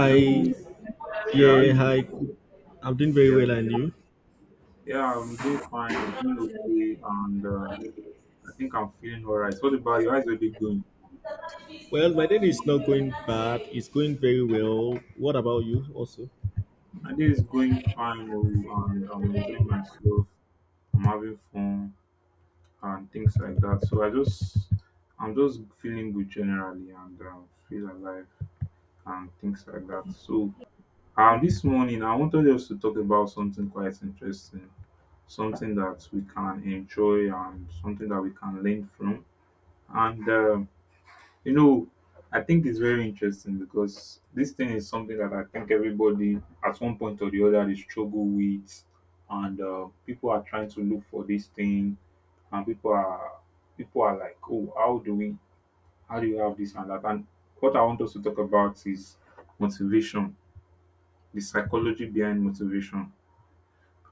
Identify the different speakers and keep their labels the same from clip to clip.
Speaker 1: Hello. Yeah, how
Speaker 2: yeah,
Speaker 1: you?
Speaker 2: hi. I'm doing very
Speaker 1: Yeah,
Speaker 2: well, and you?
Speaker 1: yeah. I'm doing fine. I'm doing okay, and I think I'm feeling alright. What about you? How's your day going?
Speaker 2: Well, my day is not going bad. It's going very well. What about you, also?
Speaker 1: My day is going fine, oh, and I'm enjoying myself. I'm having fun and things like that. I'm just feeling good generally, and feel alive and things like that. So, this morning I wanted us to talk about something quite interesting, something that we can enjoy and something that we can learn from, and. Um, You know, I think it's very interesting because this thing is something that I think everybody at one point or the other they struggle with, and people are trying to look for this thing, and people are like, oh, how do you have this and that? And what I want us to talk about is motivation, the psychology behind motivation,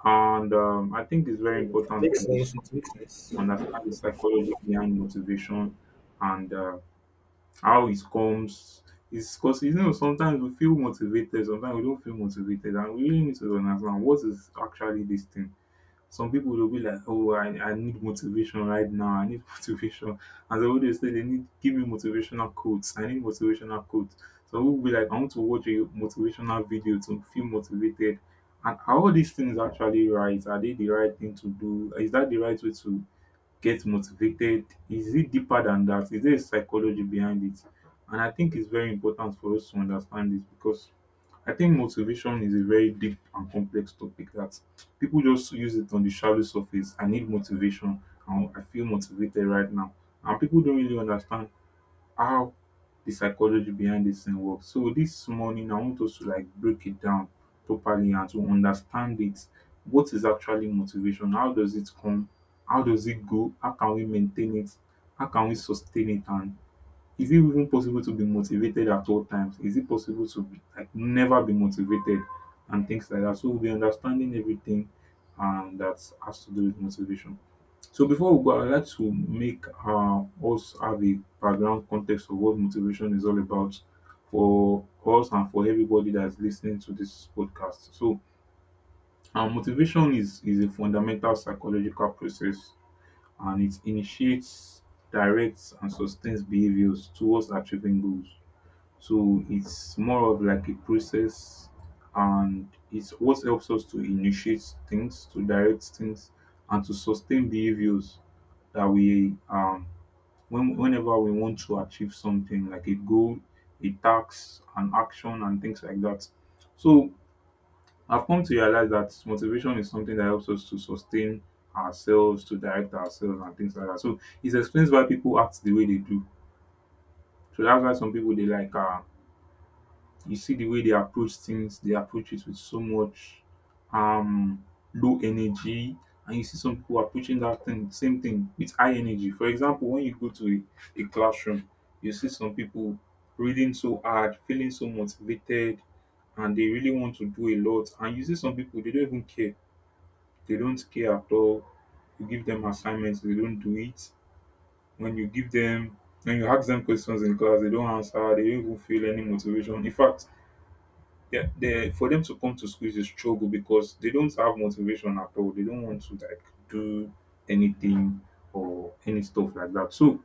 Speaker 1: and I think it's very important for
Speaker 2: Makes
Speaker 1: us
Speaker 2: sense.
Speaker 1: to
Speaker 2: It makes sense.
Speaker 1: understand the psychology behind motivation and how it comes. It's cause you know sometimes we feel motivated, sometimes we don't feel motivated, and we really need to understand what is actually this thing. Some people will be like, I need motivation right now, I need motivation, and they always say they need, give me motivational quotes, I need motivational quotes. Some people will be like, I want to watch a motivational video to feel motivated. And are all these things actually right? Are they the right thing to do? Is that the right way to get motivated? Is it deeper than that? Is there a psychology behind it? And I think it's very important for us to understand this because I think motivation is a very deep and complex topic that people just use it on the shallow surface. I need motivation and I feel motivated right now, and people don't really understand how the psychology behind this thing works. So this morning I want us to like break it down properly and to understand it. What is actually motivation? How does it come? How does it go? How can we maintain it? How can we sustain it? And is it even possible to be motivated at all times? Is it possible to be, like never be motivated and things like that? So we'll be understanding everything and that has to do with motivation. So before we go, I would like to make us have a background context of what motivation is all about for us and for everybody that's listening to this podcast. So, motivation is a fundamental psychological process, and it initiates, directs, and sustains behaviors towards achieving goals. So it's more of like a process, and it's what helps us to initiate things, to direct things, and to sustain behaviors that we whenever we want to achieve something like a goal, a task, an action, and things like that. So I've come to realize that motivation is something that helps us to sustain ourselves, to direct ourselves, and things like that. So it explains why people act the way they do. So that's why some people they like you see the way they approach things, they approach it with so much um low energy, and you see some people approaching that thing, same thing with high energy. For example, when you go to a classroom, you see some people reading so hard, feeling so motivated, and they really want to do a lot. And you see some people they don't even care. They don't care at all. You give them assignments, they don't do it. When you give them when you ask them questions in class, they don't answer, they don't even feel any motivation. In fact, yeah, for them to come to school is a struggle because they don't have motivation at all. They don't want to like do anything or any stuff like that. So,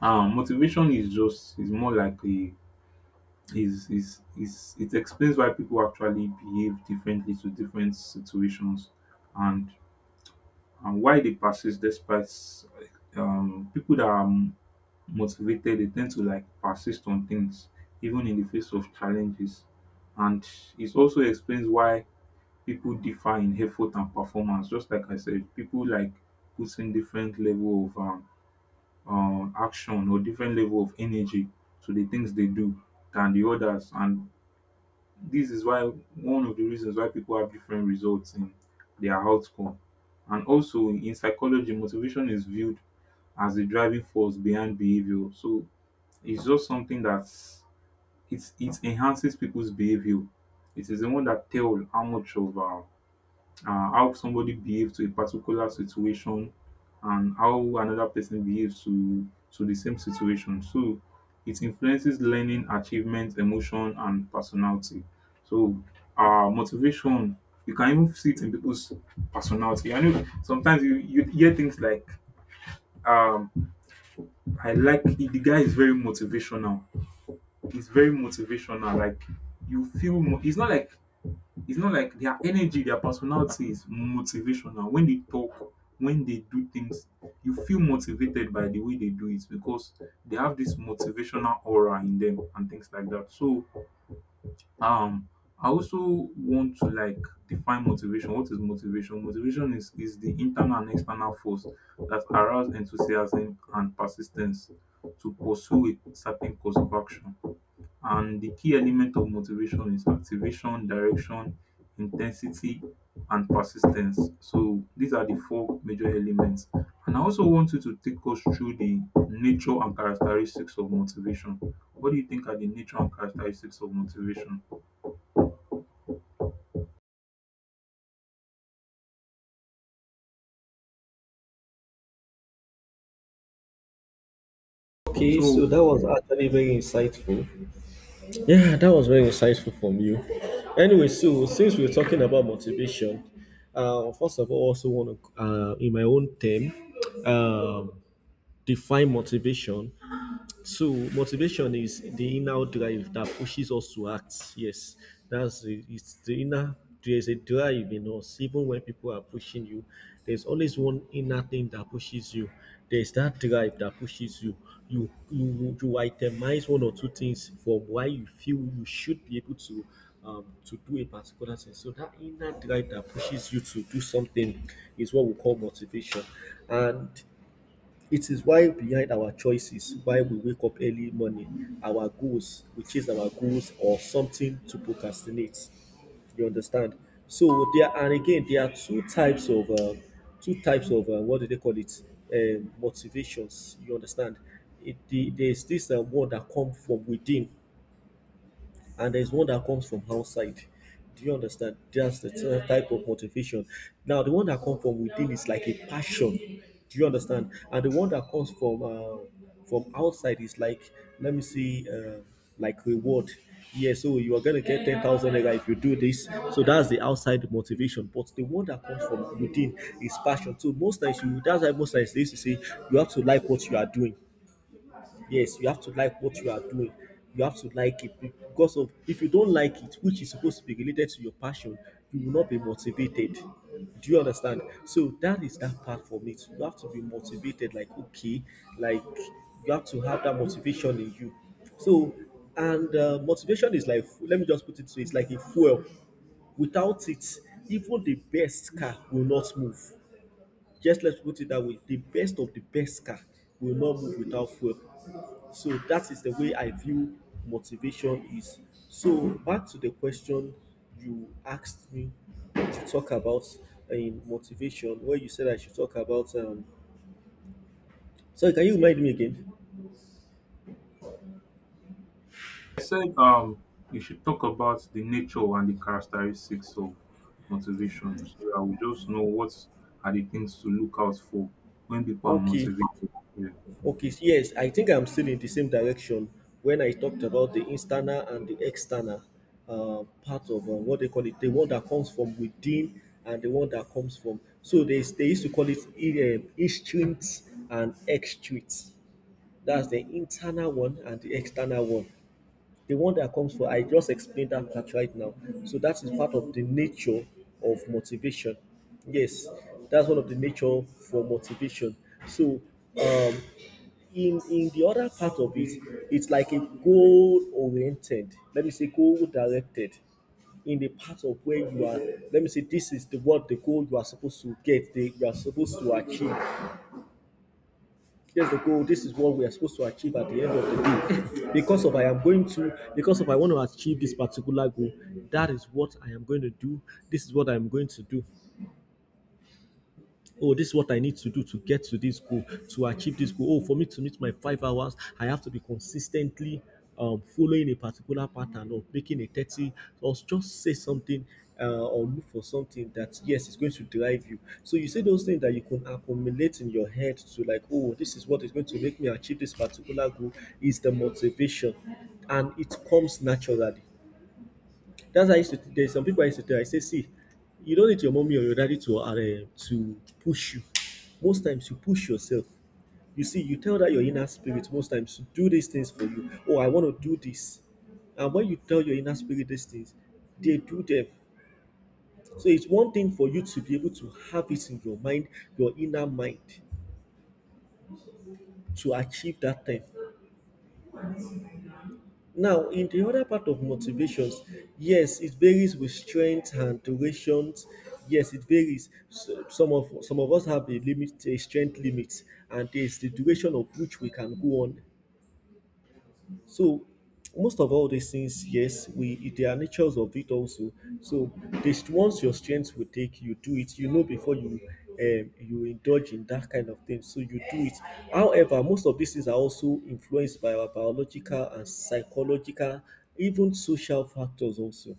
Speaker 1: motivation is just is more like a is it explains why people actually behave differently to different situations and and why they persist despite people that are motivated they tend to like persist on things even in the face of challenges. And it also explains why people differ in effort and performance. Just like I said, people like putting different level of action or different level of energy to the things they do than the others. And this is why, one of the reasons why people have different results in their outcome. And also in psychology, motivation is viewed as the driving force behind behavior. So it's just something that's it enhances people's behavior. It is the one that tell how much of how somebody behaves to a particular situation and how another person behaves to the same situation. So it influences learning, achievement, emotion, and personality. So motivation, you can even see it in people's personality. I know sometimes you hear things like um I like the guy is very motivational, he's very motivational, like you it's not like their energy, their personality is motivational. When they talk, when they do things, you feel motivated by the way they do it because they have this motivational aura in them and things like that. So, um, I also want to like define motivation. What is motivation? Motivation is the internal and external force that arouse enthusiasm and persistence to pursue a certain course of action. And the key element of motivation is activation, direction, intensity, and persistence. So these are the four major elements. And I also want you to take us through the nature and characteristics of motivation. What do you think are the nature and characteristics of motivation?
Speaker 2: Okay,
Speaker 1: So
Speaker 2: so that was actually very insightful. Yeah, that was very insightful from you. Anyway, so since we're talking about motivation, first of all, also want to, in my own term, um define motivation. So motivation is the inner drive that pushes us to act. Yes, that's the, it's the inner. There's a drive in us, even when people are pushing you. There's always one inner thing that pushes you. There's that drive that pushes you. You itemize one or two things for why you feel you should be able to do a particular thing. So that inner drive that pushes you to do something is what we call motivation. And it is why behind our choices, why we wake up early morning, our goals, we chase our goals or something to procrastinate. You understand? So there are, and again, there are two types of, what do they call it? Motivations. You understand? It, the, there's this one that come from within and there's one that comes from outside. Do you understand? That's the type of motivation. Now, the one that comes from within is like a passion. Do you understand? And the one that comes from outside is like, let me see, like reward. Yeah, so you are gonna get 10,000 naira if you do this. So that's the outside motivation. But the one that comes from within is passion. So most times you that's why most times they used to say you have to like what you are doing. Yes, you have to like what you are doing. You have to like it because of if you don't like it, which is supposed to be related to your passion, you will not be motivated. Do you understand? So that is that part for me, too. You have to be motivated, like okay, like you have to have that motivation in you. So and motivation is like let me just put it so it's like a fuel. Without it, even the best car will not move. Just let's put it that way. The best of the best car will not move without fuel. So that is the way I view motivation is. So back to the question you asked me to talk about in motivation, where you said I should talk about. Sorry, can you remind me again?
Speaker 1: I said you should talk about the nature and the characteristics of motivation so that we just know what are the things to look out for when people are
Speaker 2: Okay,
Speaker 1: motivated.
Speaker 2: okay, so yes, I think I'm still in the same direction when I talked about the internal and the external part of what they call it, the one that comes from within and the one that comes from. So they used to call it instincts and extrinsic. That's the internal one and the external one. The one that comes for, I just explained that part right now. So that is part of the nature of motivation. Yes, that's one of the nature for motivation. So um, in the other part of it, it's like a goal oriented. Let me say goal directed. In the part of where you are, let me say this is the what the goal you are supposed to get, the, you are supposed to achieve here's the goal. This is what we are supposed to achieve at the end of the day because of I am going to because of I want to achieve this particular goal, that is what I am going to do. This is what I'm going to do. Oh, this is what I need to do to get to this goal to achieve this goal. Oh, for me to meet my 5 hours I have to be consistently following a particular pattern of making a 30 or just say something, or look for something that yes is going to drive you. So you say those things that you can accumulate in your head to like oh this is what is going to make me achieve this particular goal is the motivation, and it comes naturally. That's why I used to there's some people I used to tell I say, see, you don't need your mommy or your daddy to push you. Most times you push yourself. You see, you tell that your inner spirit most times to do these things for you. Oh, I want to do this. And when you tell your inner spirit these things, they do them. So it's one thing for you to be able to have it in your mind, your inner mind, to achieve that thing. Now, in the other part of motivations, yes, it varies with strength and durations. Yes, it varies. So, some of us have a limit, a strength limit, and there's the duration of which we can go on. So most of all these things, yes, we there are natures of it also. So this once your strength will take you do it. You know before you you indulge in that kind of thing, so you do it. However, most of these things are also influenced by our biological and psychological, even social factors also.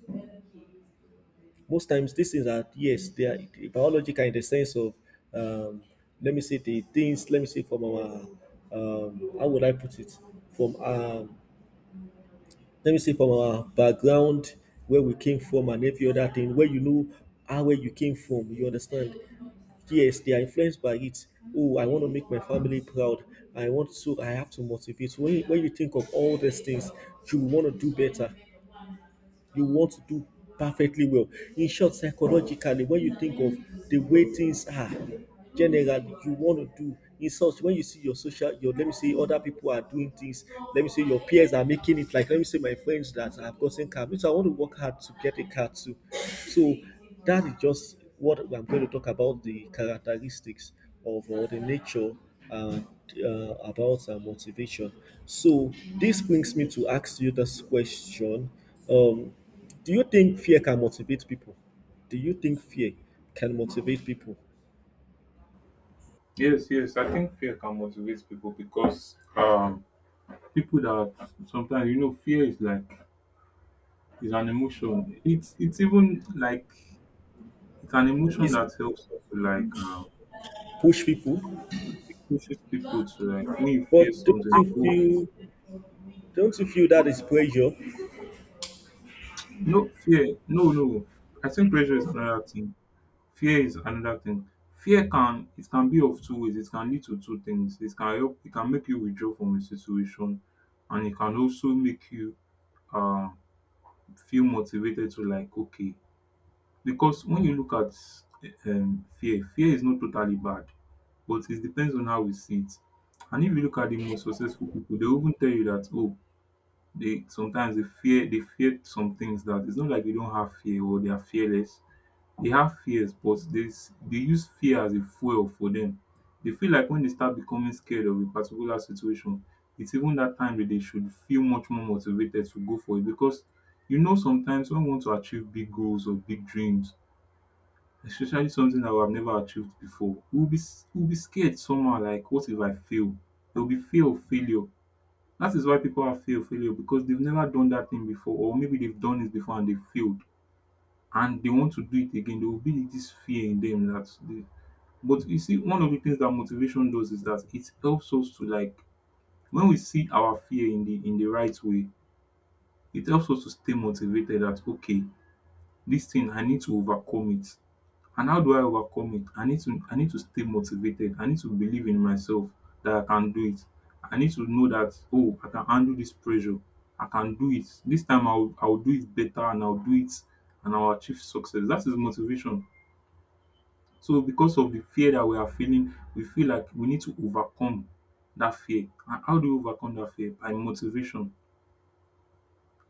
Speaker 2: Most times these things are yes, they are biological in the sense of um, let me say the things let me say from our how would I put it from let me see from our background, where we came from, and every other thing, where you know how where you came from, you understand. Yes, they are influenced by it. Oh, I want to make my family proud. I want to, I have to motivate. When you think of all these things, you want to do better, you want to do perfectly well. In short, psychologically, when you think of the way things are, generally, you want to do. In such, when you see your social, your let me say other people are doing things, let me say your peers are making it. Like let me say my friends that have gotten car, me I want to work hard to get a car too. So that is just what I'm going to talk about the characteristics of or the nature, uh, uh, about motivation. So this brings me to ask you this question: um, do you think fear can motivate people? Do you think fear can motivate people?
Speaker 1: Yes, yes, I think fear can motivate people because people that sometimes you know fear is like is an emotion. It's even like it's an emotion
Speaker 2: Is
Speaker 1: that helps you to like
Speaker 2: push people?
Speaker 1: it pushes people to like when you
Speaker 2: But
Speaker 1: fear something.
Speaker 2: don't you
Speaker 1: Oh,
Speaker 2: feel? Don't you feel that is pressure?
Speaker 1: no fear, no. I think pressure is another thing. Fear is another thing. Fear can, it can be of two ways. It can lead to two things. It can help. It can make you withdraw from a situation, and it can also make you um, feel motivated to like okay. Because when you look at fear is not totally bad, but it depends on how we see it. And if you look at the most successful people, they will even tell you that, oh, they sometimes they fear some things. That it's not like they don't have fear or they are fearless, they have fears, but dey, they use fear as a fuel for them. They feel like when they start becoming scared of a particular situation, it's even that time that they should feel much more motivated to go for it. Because you know sometimes when we want to achieve big goals or big dreams, especially something that we have never achieved before, we will be scared somehow, like what if I fail? There will be fear of failure. That is why people have fear of failure, because they've never done that thing before, or maybe they've done it before and they failed and they want to do it again. There will be this fear in them. But you see, one of the things that motivation does is that it helps us to like when we see our fear in the right way, it helps us to stay motivated. That okay, this thing I need to overcome it. And how do I overcome it? I need to stay motivated. I need to believe in myself that I can do it. I need to know that, oh, I can handle this pressure. I can do it. This time I'll do it better, and I'll do it and I'll achieve success. That is motivation. So because of the fear that we are feeling, we feel like we need to overcome that fear. And how do you overcome that fear? By motivation.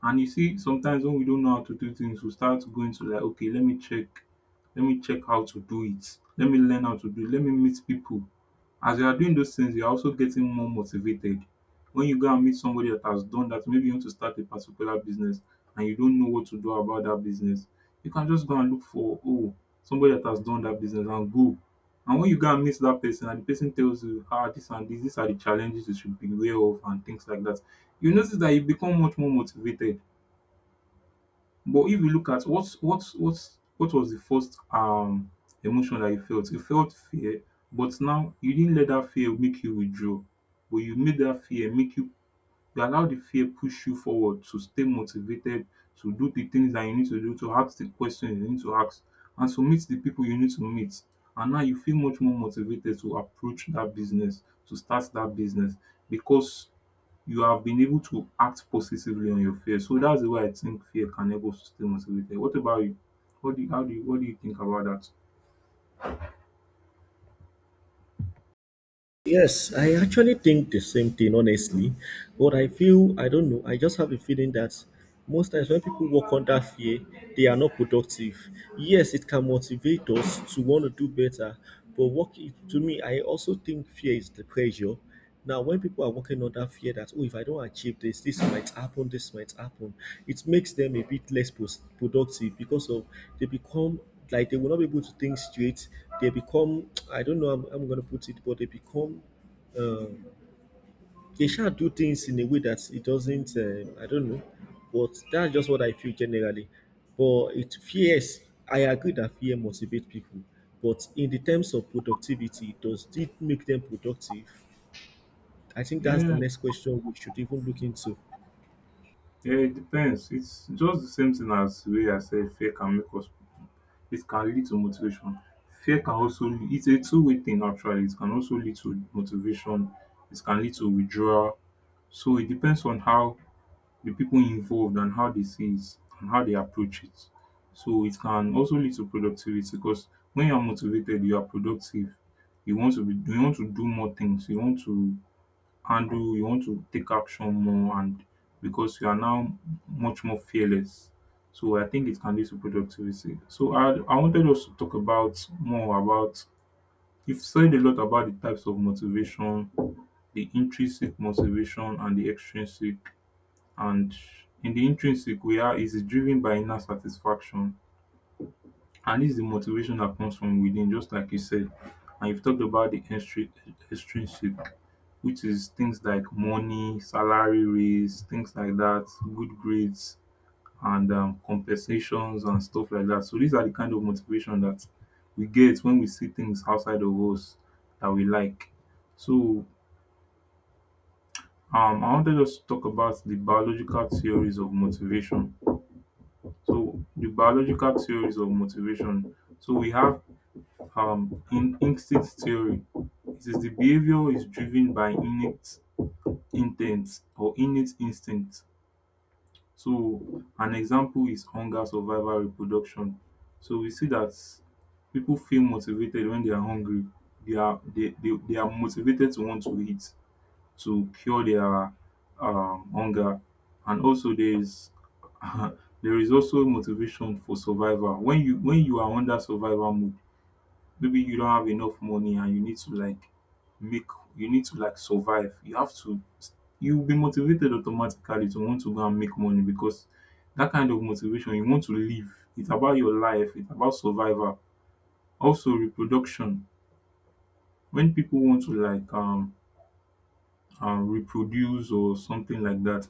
Speaker 1: And you see, sometimes when we don't know how to do things, we start going to like, okay, let me check how to do it. Let me learn how to do it. Let me meet people. As you are doing those things, you're also getting more motivated. When you go and meet somebody that has done that, maybe you want to start a particular business and you don't know what to do about that business, you can just go and look for, oh, somebody that has done that business and go. And when you go and meet that person and the person tells you, ah, this and this, these are the challenges you should be aware of and things like that, you notice that you become much more motivated. But if you look at what was the first emotion that you felt? You felt fear, but now you didn't let that fear make you withdraw. But you made that fear make you allow the fear push you forward to stay motivated, to do the things that you need to do, to ask the questions you need to ask, and to meet the people you need to meet. And now you feel much more motivated to approach that business, to start that business because you have been able to act positively on your fear. So that's the way I think fear can help us to stay motivated. What about you? What do you think about that?
Speaker 2: Yes, I actually think the same thing, honestly. But I feel, I don't know, I just have a feeling that most times when people work under fear, they are not productive. Yes, it can motivate us to want to do better, but work, to me, I also think fear is the pressure. Now, when people are working under fear that, oh, if I don't achieve this, this might happen, it makes them a bit less productive because of they become like they will not be able to think straight. They become, I don't know, I'm going to put it, but they become, uh, they shall do things in a way that it doesn't, I don't know, but that's just what I feel generally. But it fears, I agree that fear motivates people, but in the terms of productivity, does it make them productive? I think that's the
Speaker 1: Yeah,
Speaker 2: next question we should even look into.
Speaker 1: yeah, it depends. It's just the same thing as the way I said fear can make us it can lead to motivation. Fear can also it's a two-way thing actually. It can also lead to motivation. It can lead to withdrawal. So it depends on how the people involved and how they see it and how they approach it. So it can also lead to productivity because when you're motivated, you are productive. You want to do more things. You want to handle, you want to take action more. And because you are now much more fearless. So I think it can lead to productivity. So I wanted us to talk about more about you've said a lot about the types of motivation, the intrinsic motivation and the extrinsic, and in the intrinsic we are is driven by inner satisfaction, and this is the motivation that comes from within, just like you said. And you've talked about the extrinsic, which is things like money, salary, raise, things like that, good grades, and compensations and stuff like that. So these are the kind of motivation that we get when we see things outside of us that we like. So I wanted us to talk about the biological theories of motivation. So the biological theories of motivation. So we have in instinct theory. It says the behavior is driven by innate intent or innate instinct. So an example is hunger, survival, reproduction. So we see that people feel motivated when they are hungry. They are motivated to want to eat, to cure their hunger. And also there is there is also motivation for survival. When you are under survival mode, maybe you don't have enough money and you need to like make, you need to like survive, you have to, you'll be motivated automatically to want to go and make money because that kind of motivation, you want to live. It's about your life, it's about survival. Also reproduction. When people want to like reproduce or something like that,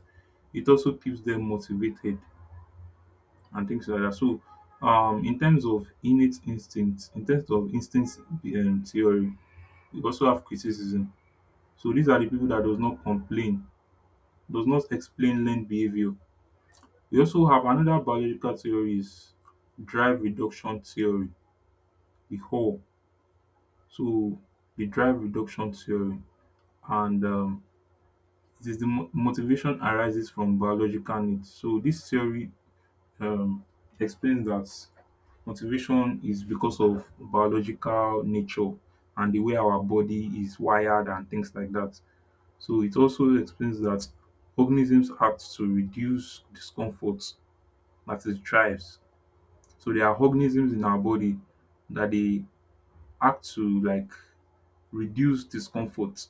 Speaker 1: it also keeps them motivated and things like that. So, in terms of innate instincts, in terms of instinct theory, we also have criticism. So these are the people that does not complain, does not explain learned behavior. We also have another biological theory is drive reduction theory, the whole. So the drive reduction theory, and it is the motivation arises from biological needs. So this theory, um, explains that motivation is because of biological nature and the way our body is wired and things like that. So it also explains that organisms act to reduce discomfort, that is drives. So there are organisms in our body that they act to like reduce discomfort.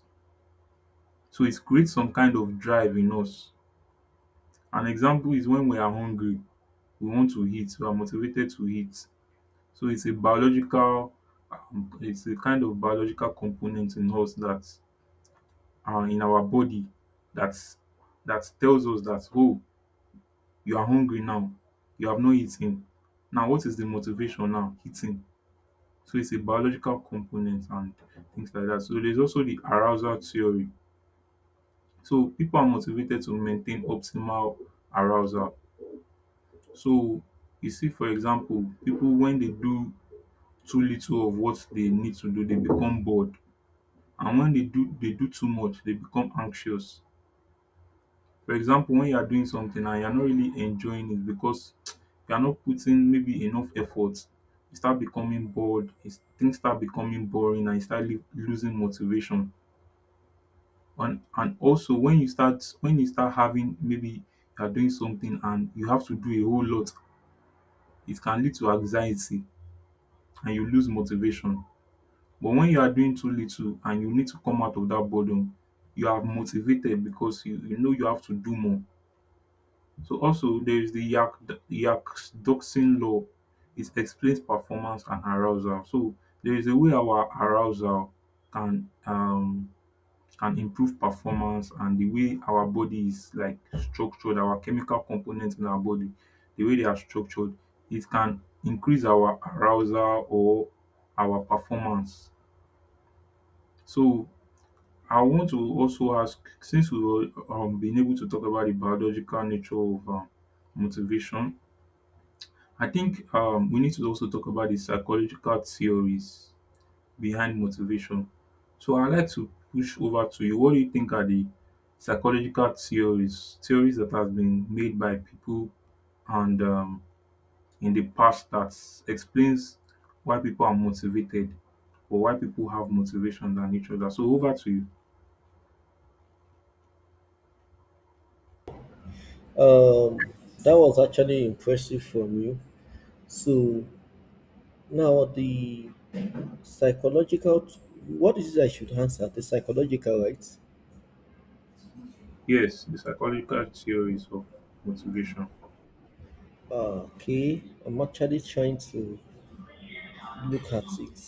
Speaker 1: So it creates some kind of drive in us. An example is when we are hungry, we want to eat, we are motivated to eat. So it's a biological, it's a kind of biological component in us that in our body that's that tells us that oh, you are hungry now, you have not eaten, now what is the motivation now, eating. So it's a biological component and things like that. So there's also the arousal theory. So people are motivated to maintain optimal arousal. So you see, for example, people when they do too little of what they need to do, they become bored, and when they do too much they become anxious. For example, when you are doing something and you're not really enjoying it because you're not putting maybe enough effort, you start becoming bored, things start becoming boring and you start losing motivation. And also when you start having maybe you're doing something and you have to do a whole lot, it can lead to anxiety and you lose motivation. But when you are doing too little and you need to come out of that boredom, you are motivated because you know you have to do more. So also there is the yakdogtsin law. It explains performance and arousal. So there is a way our arousal can um can improve performance, and the way our body is like structured, our chemical components in our body, the way they are structured, it can increase our arousal or our performance. So I want to also ask, since we've been able to talk about the biological nature of motivation, I think we need to also talk about the psychological theories behind motivation. So I'd like to push over to you. What do you think are the psychological theories, theories that have been made by people and in the past that explains why people are motivated or why people have motivation than each other? So over to you.
Speaker 2: Um, that was actually impressive from you. So now the psychological, what is it I should answer? The psychological, right?
Speaker 1: Yes, the psychological theories of motivation.
Speaker 2: Ah, okay, I'm actually trying to look at it.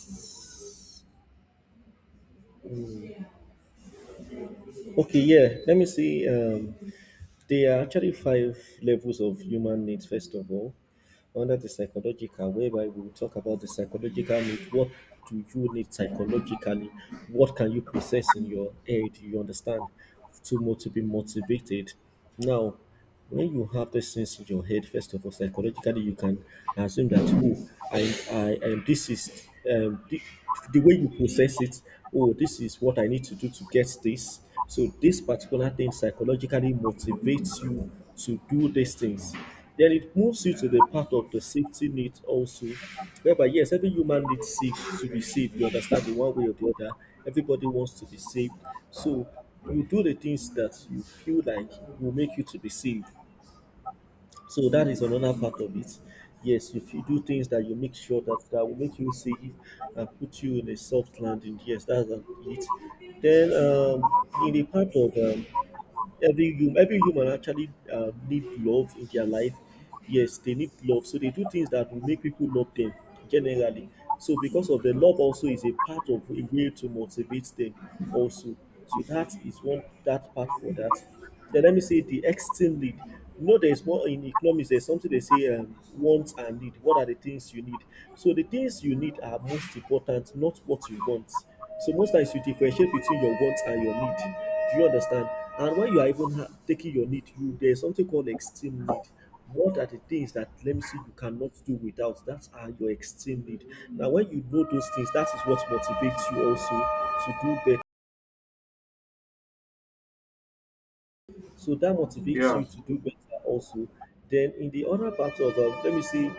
Speaker 2: Okay, yeah, let me see. There are actually five levels of human needs, first of all, under the psychological, whereby we will talk about the psychological need. What do you need psychologically? What can you process in your head? You understand? To, to be motivated. Now, when you have these things in your head, first of all, psychologically, you can assume that, oh, and this is the way you process it. Oh, this is what I need to do to get this. So, this particular thing psychologically motivates you to do these things. Then it moves you to the part of the safety net also, whereby yes, every human needs safe to be safe. You understand, in one way or the other, everybody wants to be safe. So you do the things that you feel like will make you to be safe. So that is another part of it. Yes, if you do things that you make sure that that will make you safe and put you in a soft landing, yes, that's it. Then in the part of every human actually need love in their life. Yes, they need love, so they do things that will make people love them generally. So because of the love also is a part of a way to motivate them also. So that is one that part for that. Then let me say the extreme need. You know there is more in economics there's something they say wants and need. What are the things you need? So the things you need are most important, not what you want. So most times you differentiate between your wants and your need. Do you understand? And when you are even taking your need, you there is something called extreme need. What are the things that let me see you cannot do without? That are your extreme need. Now, when you know those things, that is what motivates you also to do better. So that motivates
Speaker 1: Yeah,
Speaker 2: you to do better also. Then in the other part of let me see,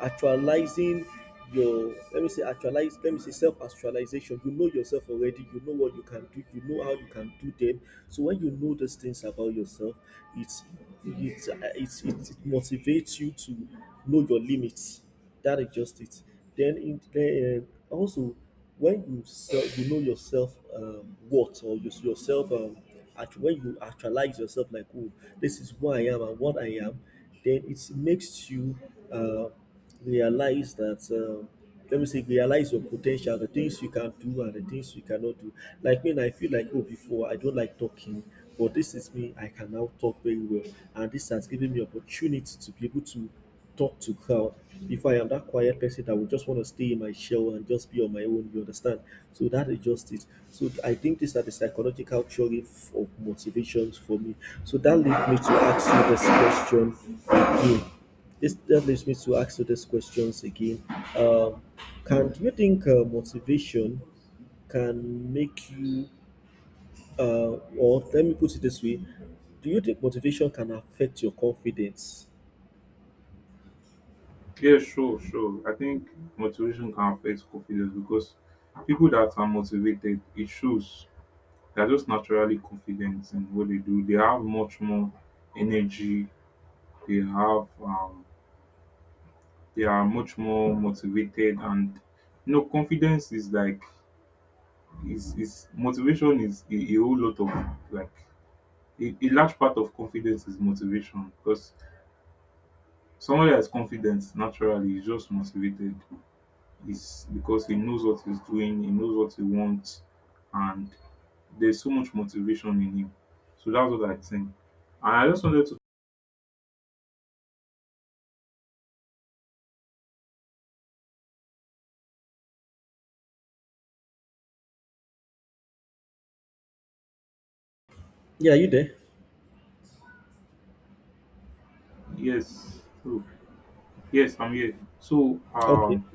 Speaker 2: actualizing your let me say actualize let me say self actualization. You know yourself already. You know what you can do. You know how you can do them. So when you know those things about yourself, it's it motivates you to know your limits. That is just it. Then in then also when you self, you know yourself what or your, yourself when you actualize yourself like oh this is who I am and what I am, then it makes you uh, realize that, let me say realize your potential the things you can do and the things you cannot do. Like me I feel like oh before I don't like talking, but this is me I can now talk very well, and this has given me opportunity to be able to talk to crowd. Before I am that quiet person that would just want to stay in my shell and just be on my own, you understand? So that is just it. So I think these are the psychological theory of motivations for me. So that leads me to ask you this question again. This that leads me to ask you these questions again. Um, can do you think motivation can make you, uh, or let me put it this way, do you think motivation can affect your confidence?
Speaker 1: yeah, sure, sure. I think motivation can affect confidence because people that are motivated, it shows they're just naturally confident in what they do. They have much more energy. They have, they are much more motivated, and you know, confidence is like is motivation is a whole lot of like a large part of confidence is motivation because somebody that is confident naturally is just motivated. It's because he knows what he's doing, he knows what he wants, and there's so much motivation in him. So that's what I think. And I just wanted to
Speaker 2: Yeah, are you there?
Speaker 1: yes, oh, yes, I'm here. So
Speaker 2: Okay.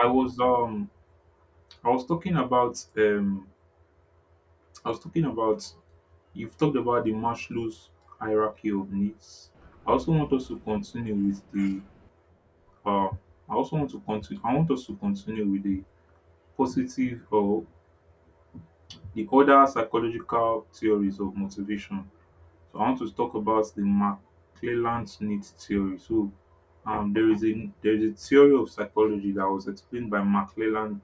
Speaker 1: I was um I was talking about I was talking about you've talked about the Maslow's hierarchy of needs. I also want us to continue with the uh I also want to continue I want us to continue with the positive, or the other psychological theories of motivation. So I want to talk about the McClelland-Smith theory. So there is a theory of psychology that was explained by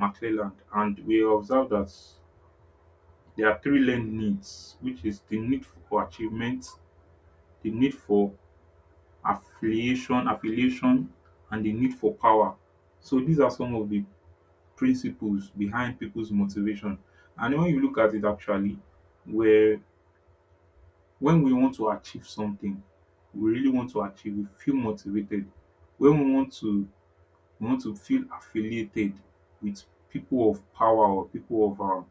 Speaker 1: McClelland, and we observed that there are three learned needs, which is the need for achievement, the need for affiliation, and the need for power. So these are some of the principles behind people's motivation. And when you look at it actually, where when we want to achieve something, we really want to achieve, we feel motivated. When we want to feel affiliated with people of power, or people of um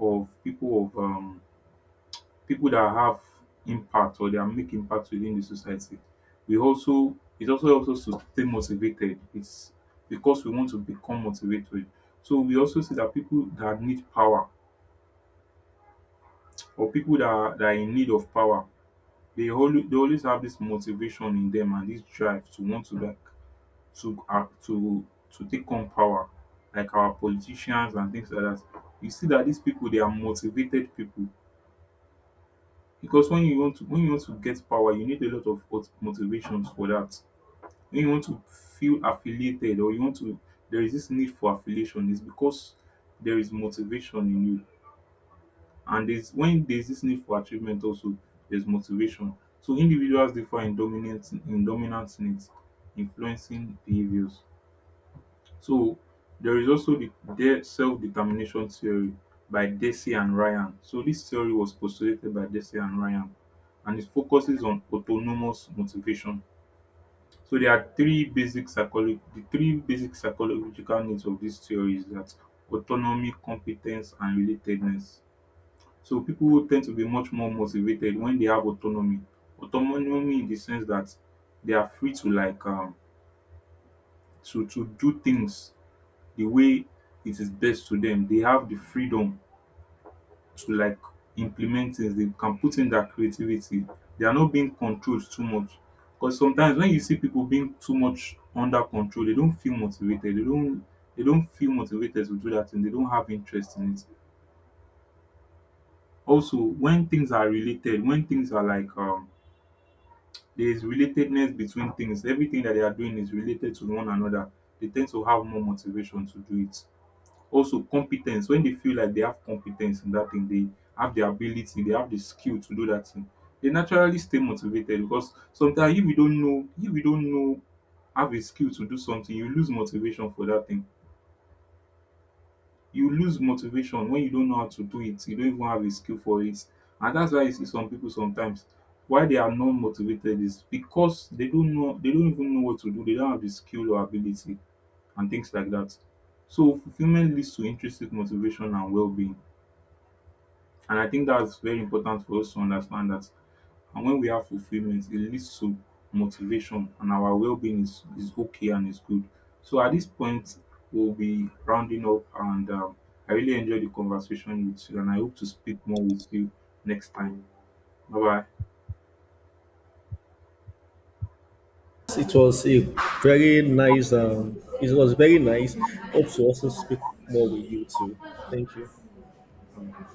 Speaker 1: of people of people that have impact, or they are make impact within the society, we also, it also helps us to stay motivated. It's because we want to become motivated. So we also see that people that need power, or people that are in need of power, they always have this motivation in them and this drive to want to like to to take on power, like our politicians and things like that. You see that these people they are motivated people, because when you want to when you want to get power, you need a lot of motivations for that. When you want to feel affiliated or you want to, there is this need for affiliation, is because there is motivation in you. And there's when there's this need for achievement also, there's motivation. So individuals differ in dominant needs influencing behaviors. So there is also the their self-determination theory by Desi and Ryan. So this theory was postulated by Desi and Ryan and it focuses on autonomous motivation. So there are three basic psychology the three basic psychological needs of this theory is that autonomy, competence and relatedness. So people tend to be much more motivated when they have autonomy. Autonomy in the sense that they are free to like to do things the way it is best to them. They have the freedom to like implement things. They can put in their creativity. They are not being controlled too much. Because sometimes when you see people being too much under control, they don't feel motivated. They don't feel motivated to do that and they don't have interest in it. Also, when things are related, when things are like there is relatedness between things. Everything that they are doing is related to one another. They tend to have more motivation to do it. Also, competence. When they feel like they have competence in that thing, they have the ability, they have the skill to do that thing. They naturally stay motivated, because sometimes if you don't know, have a skill to do something, you lose motivation for that thing. You lose motivation when you don't know how to do it, you don't even have a skill for it. And that's why you see some people sometimes why they are not motivated is because they don't even know what to do, they don't have the skill or ability and things like that. So fulfillment leads to intrinsic motivation and well-being. And I think that's very important for us to understand that. And when we have fulfillment, it leads to motivation and our well being is okay and is good. So at this point, we'll be rounding up and I really enjoyed the conversation with you and I hope to speak more with you next time. Bye
Speaker 2: It was a very nice. It was very nice. Hope to also speak more with you too. Thank you.
Speaker 1: bye.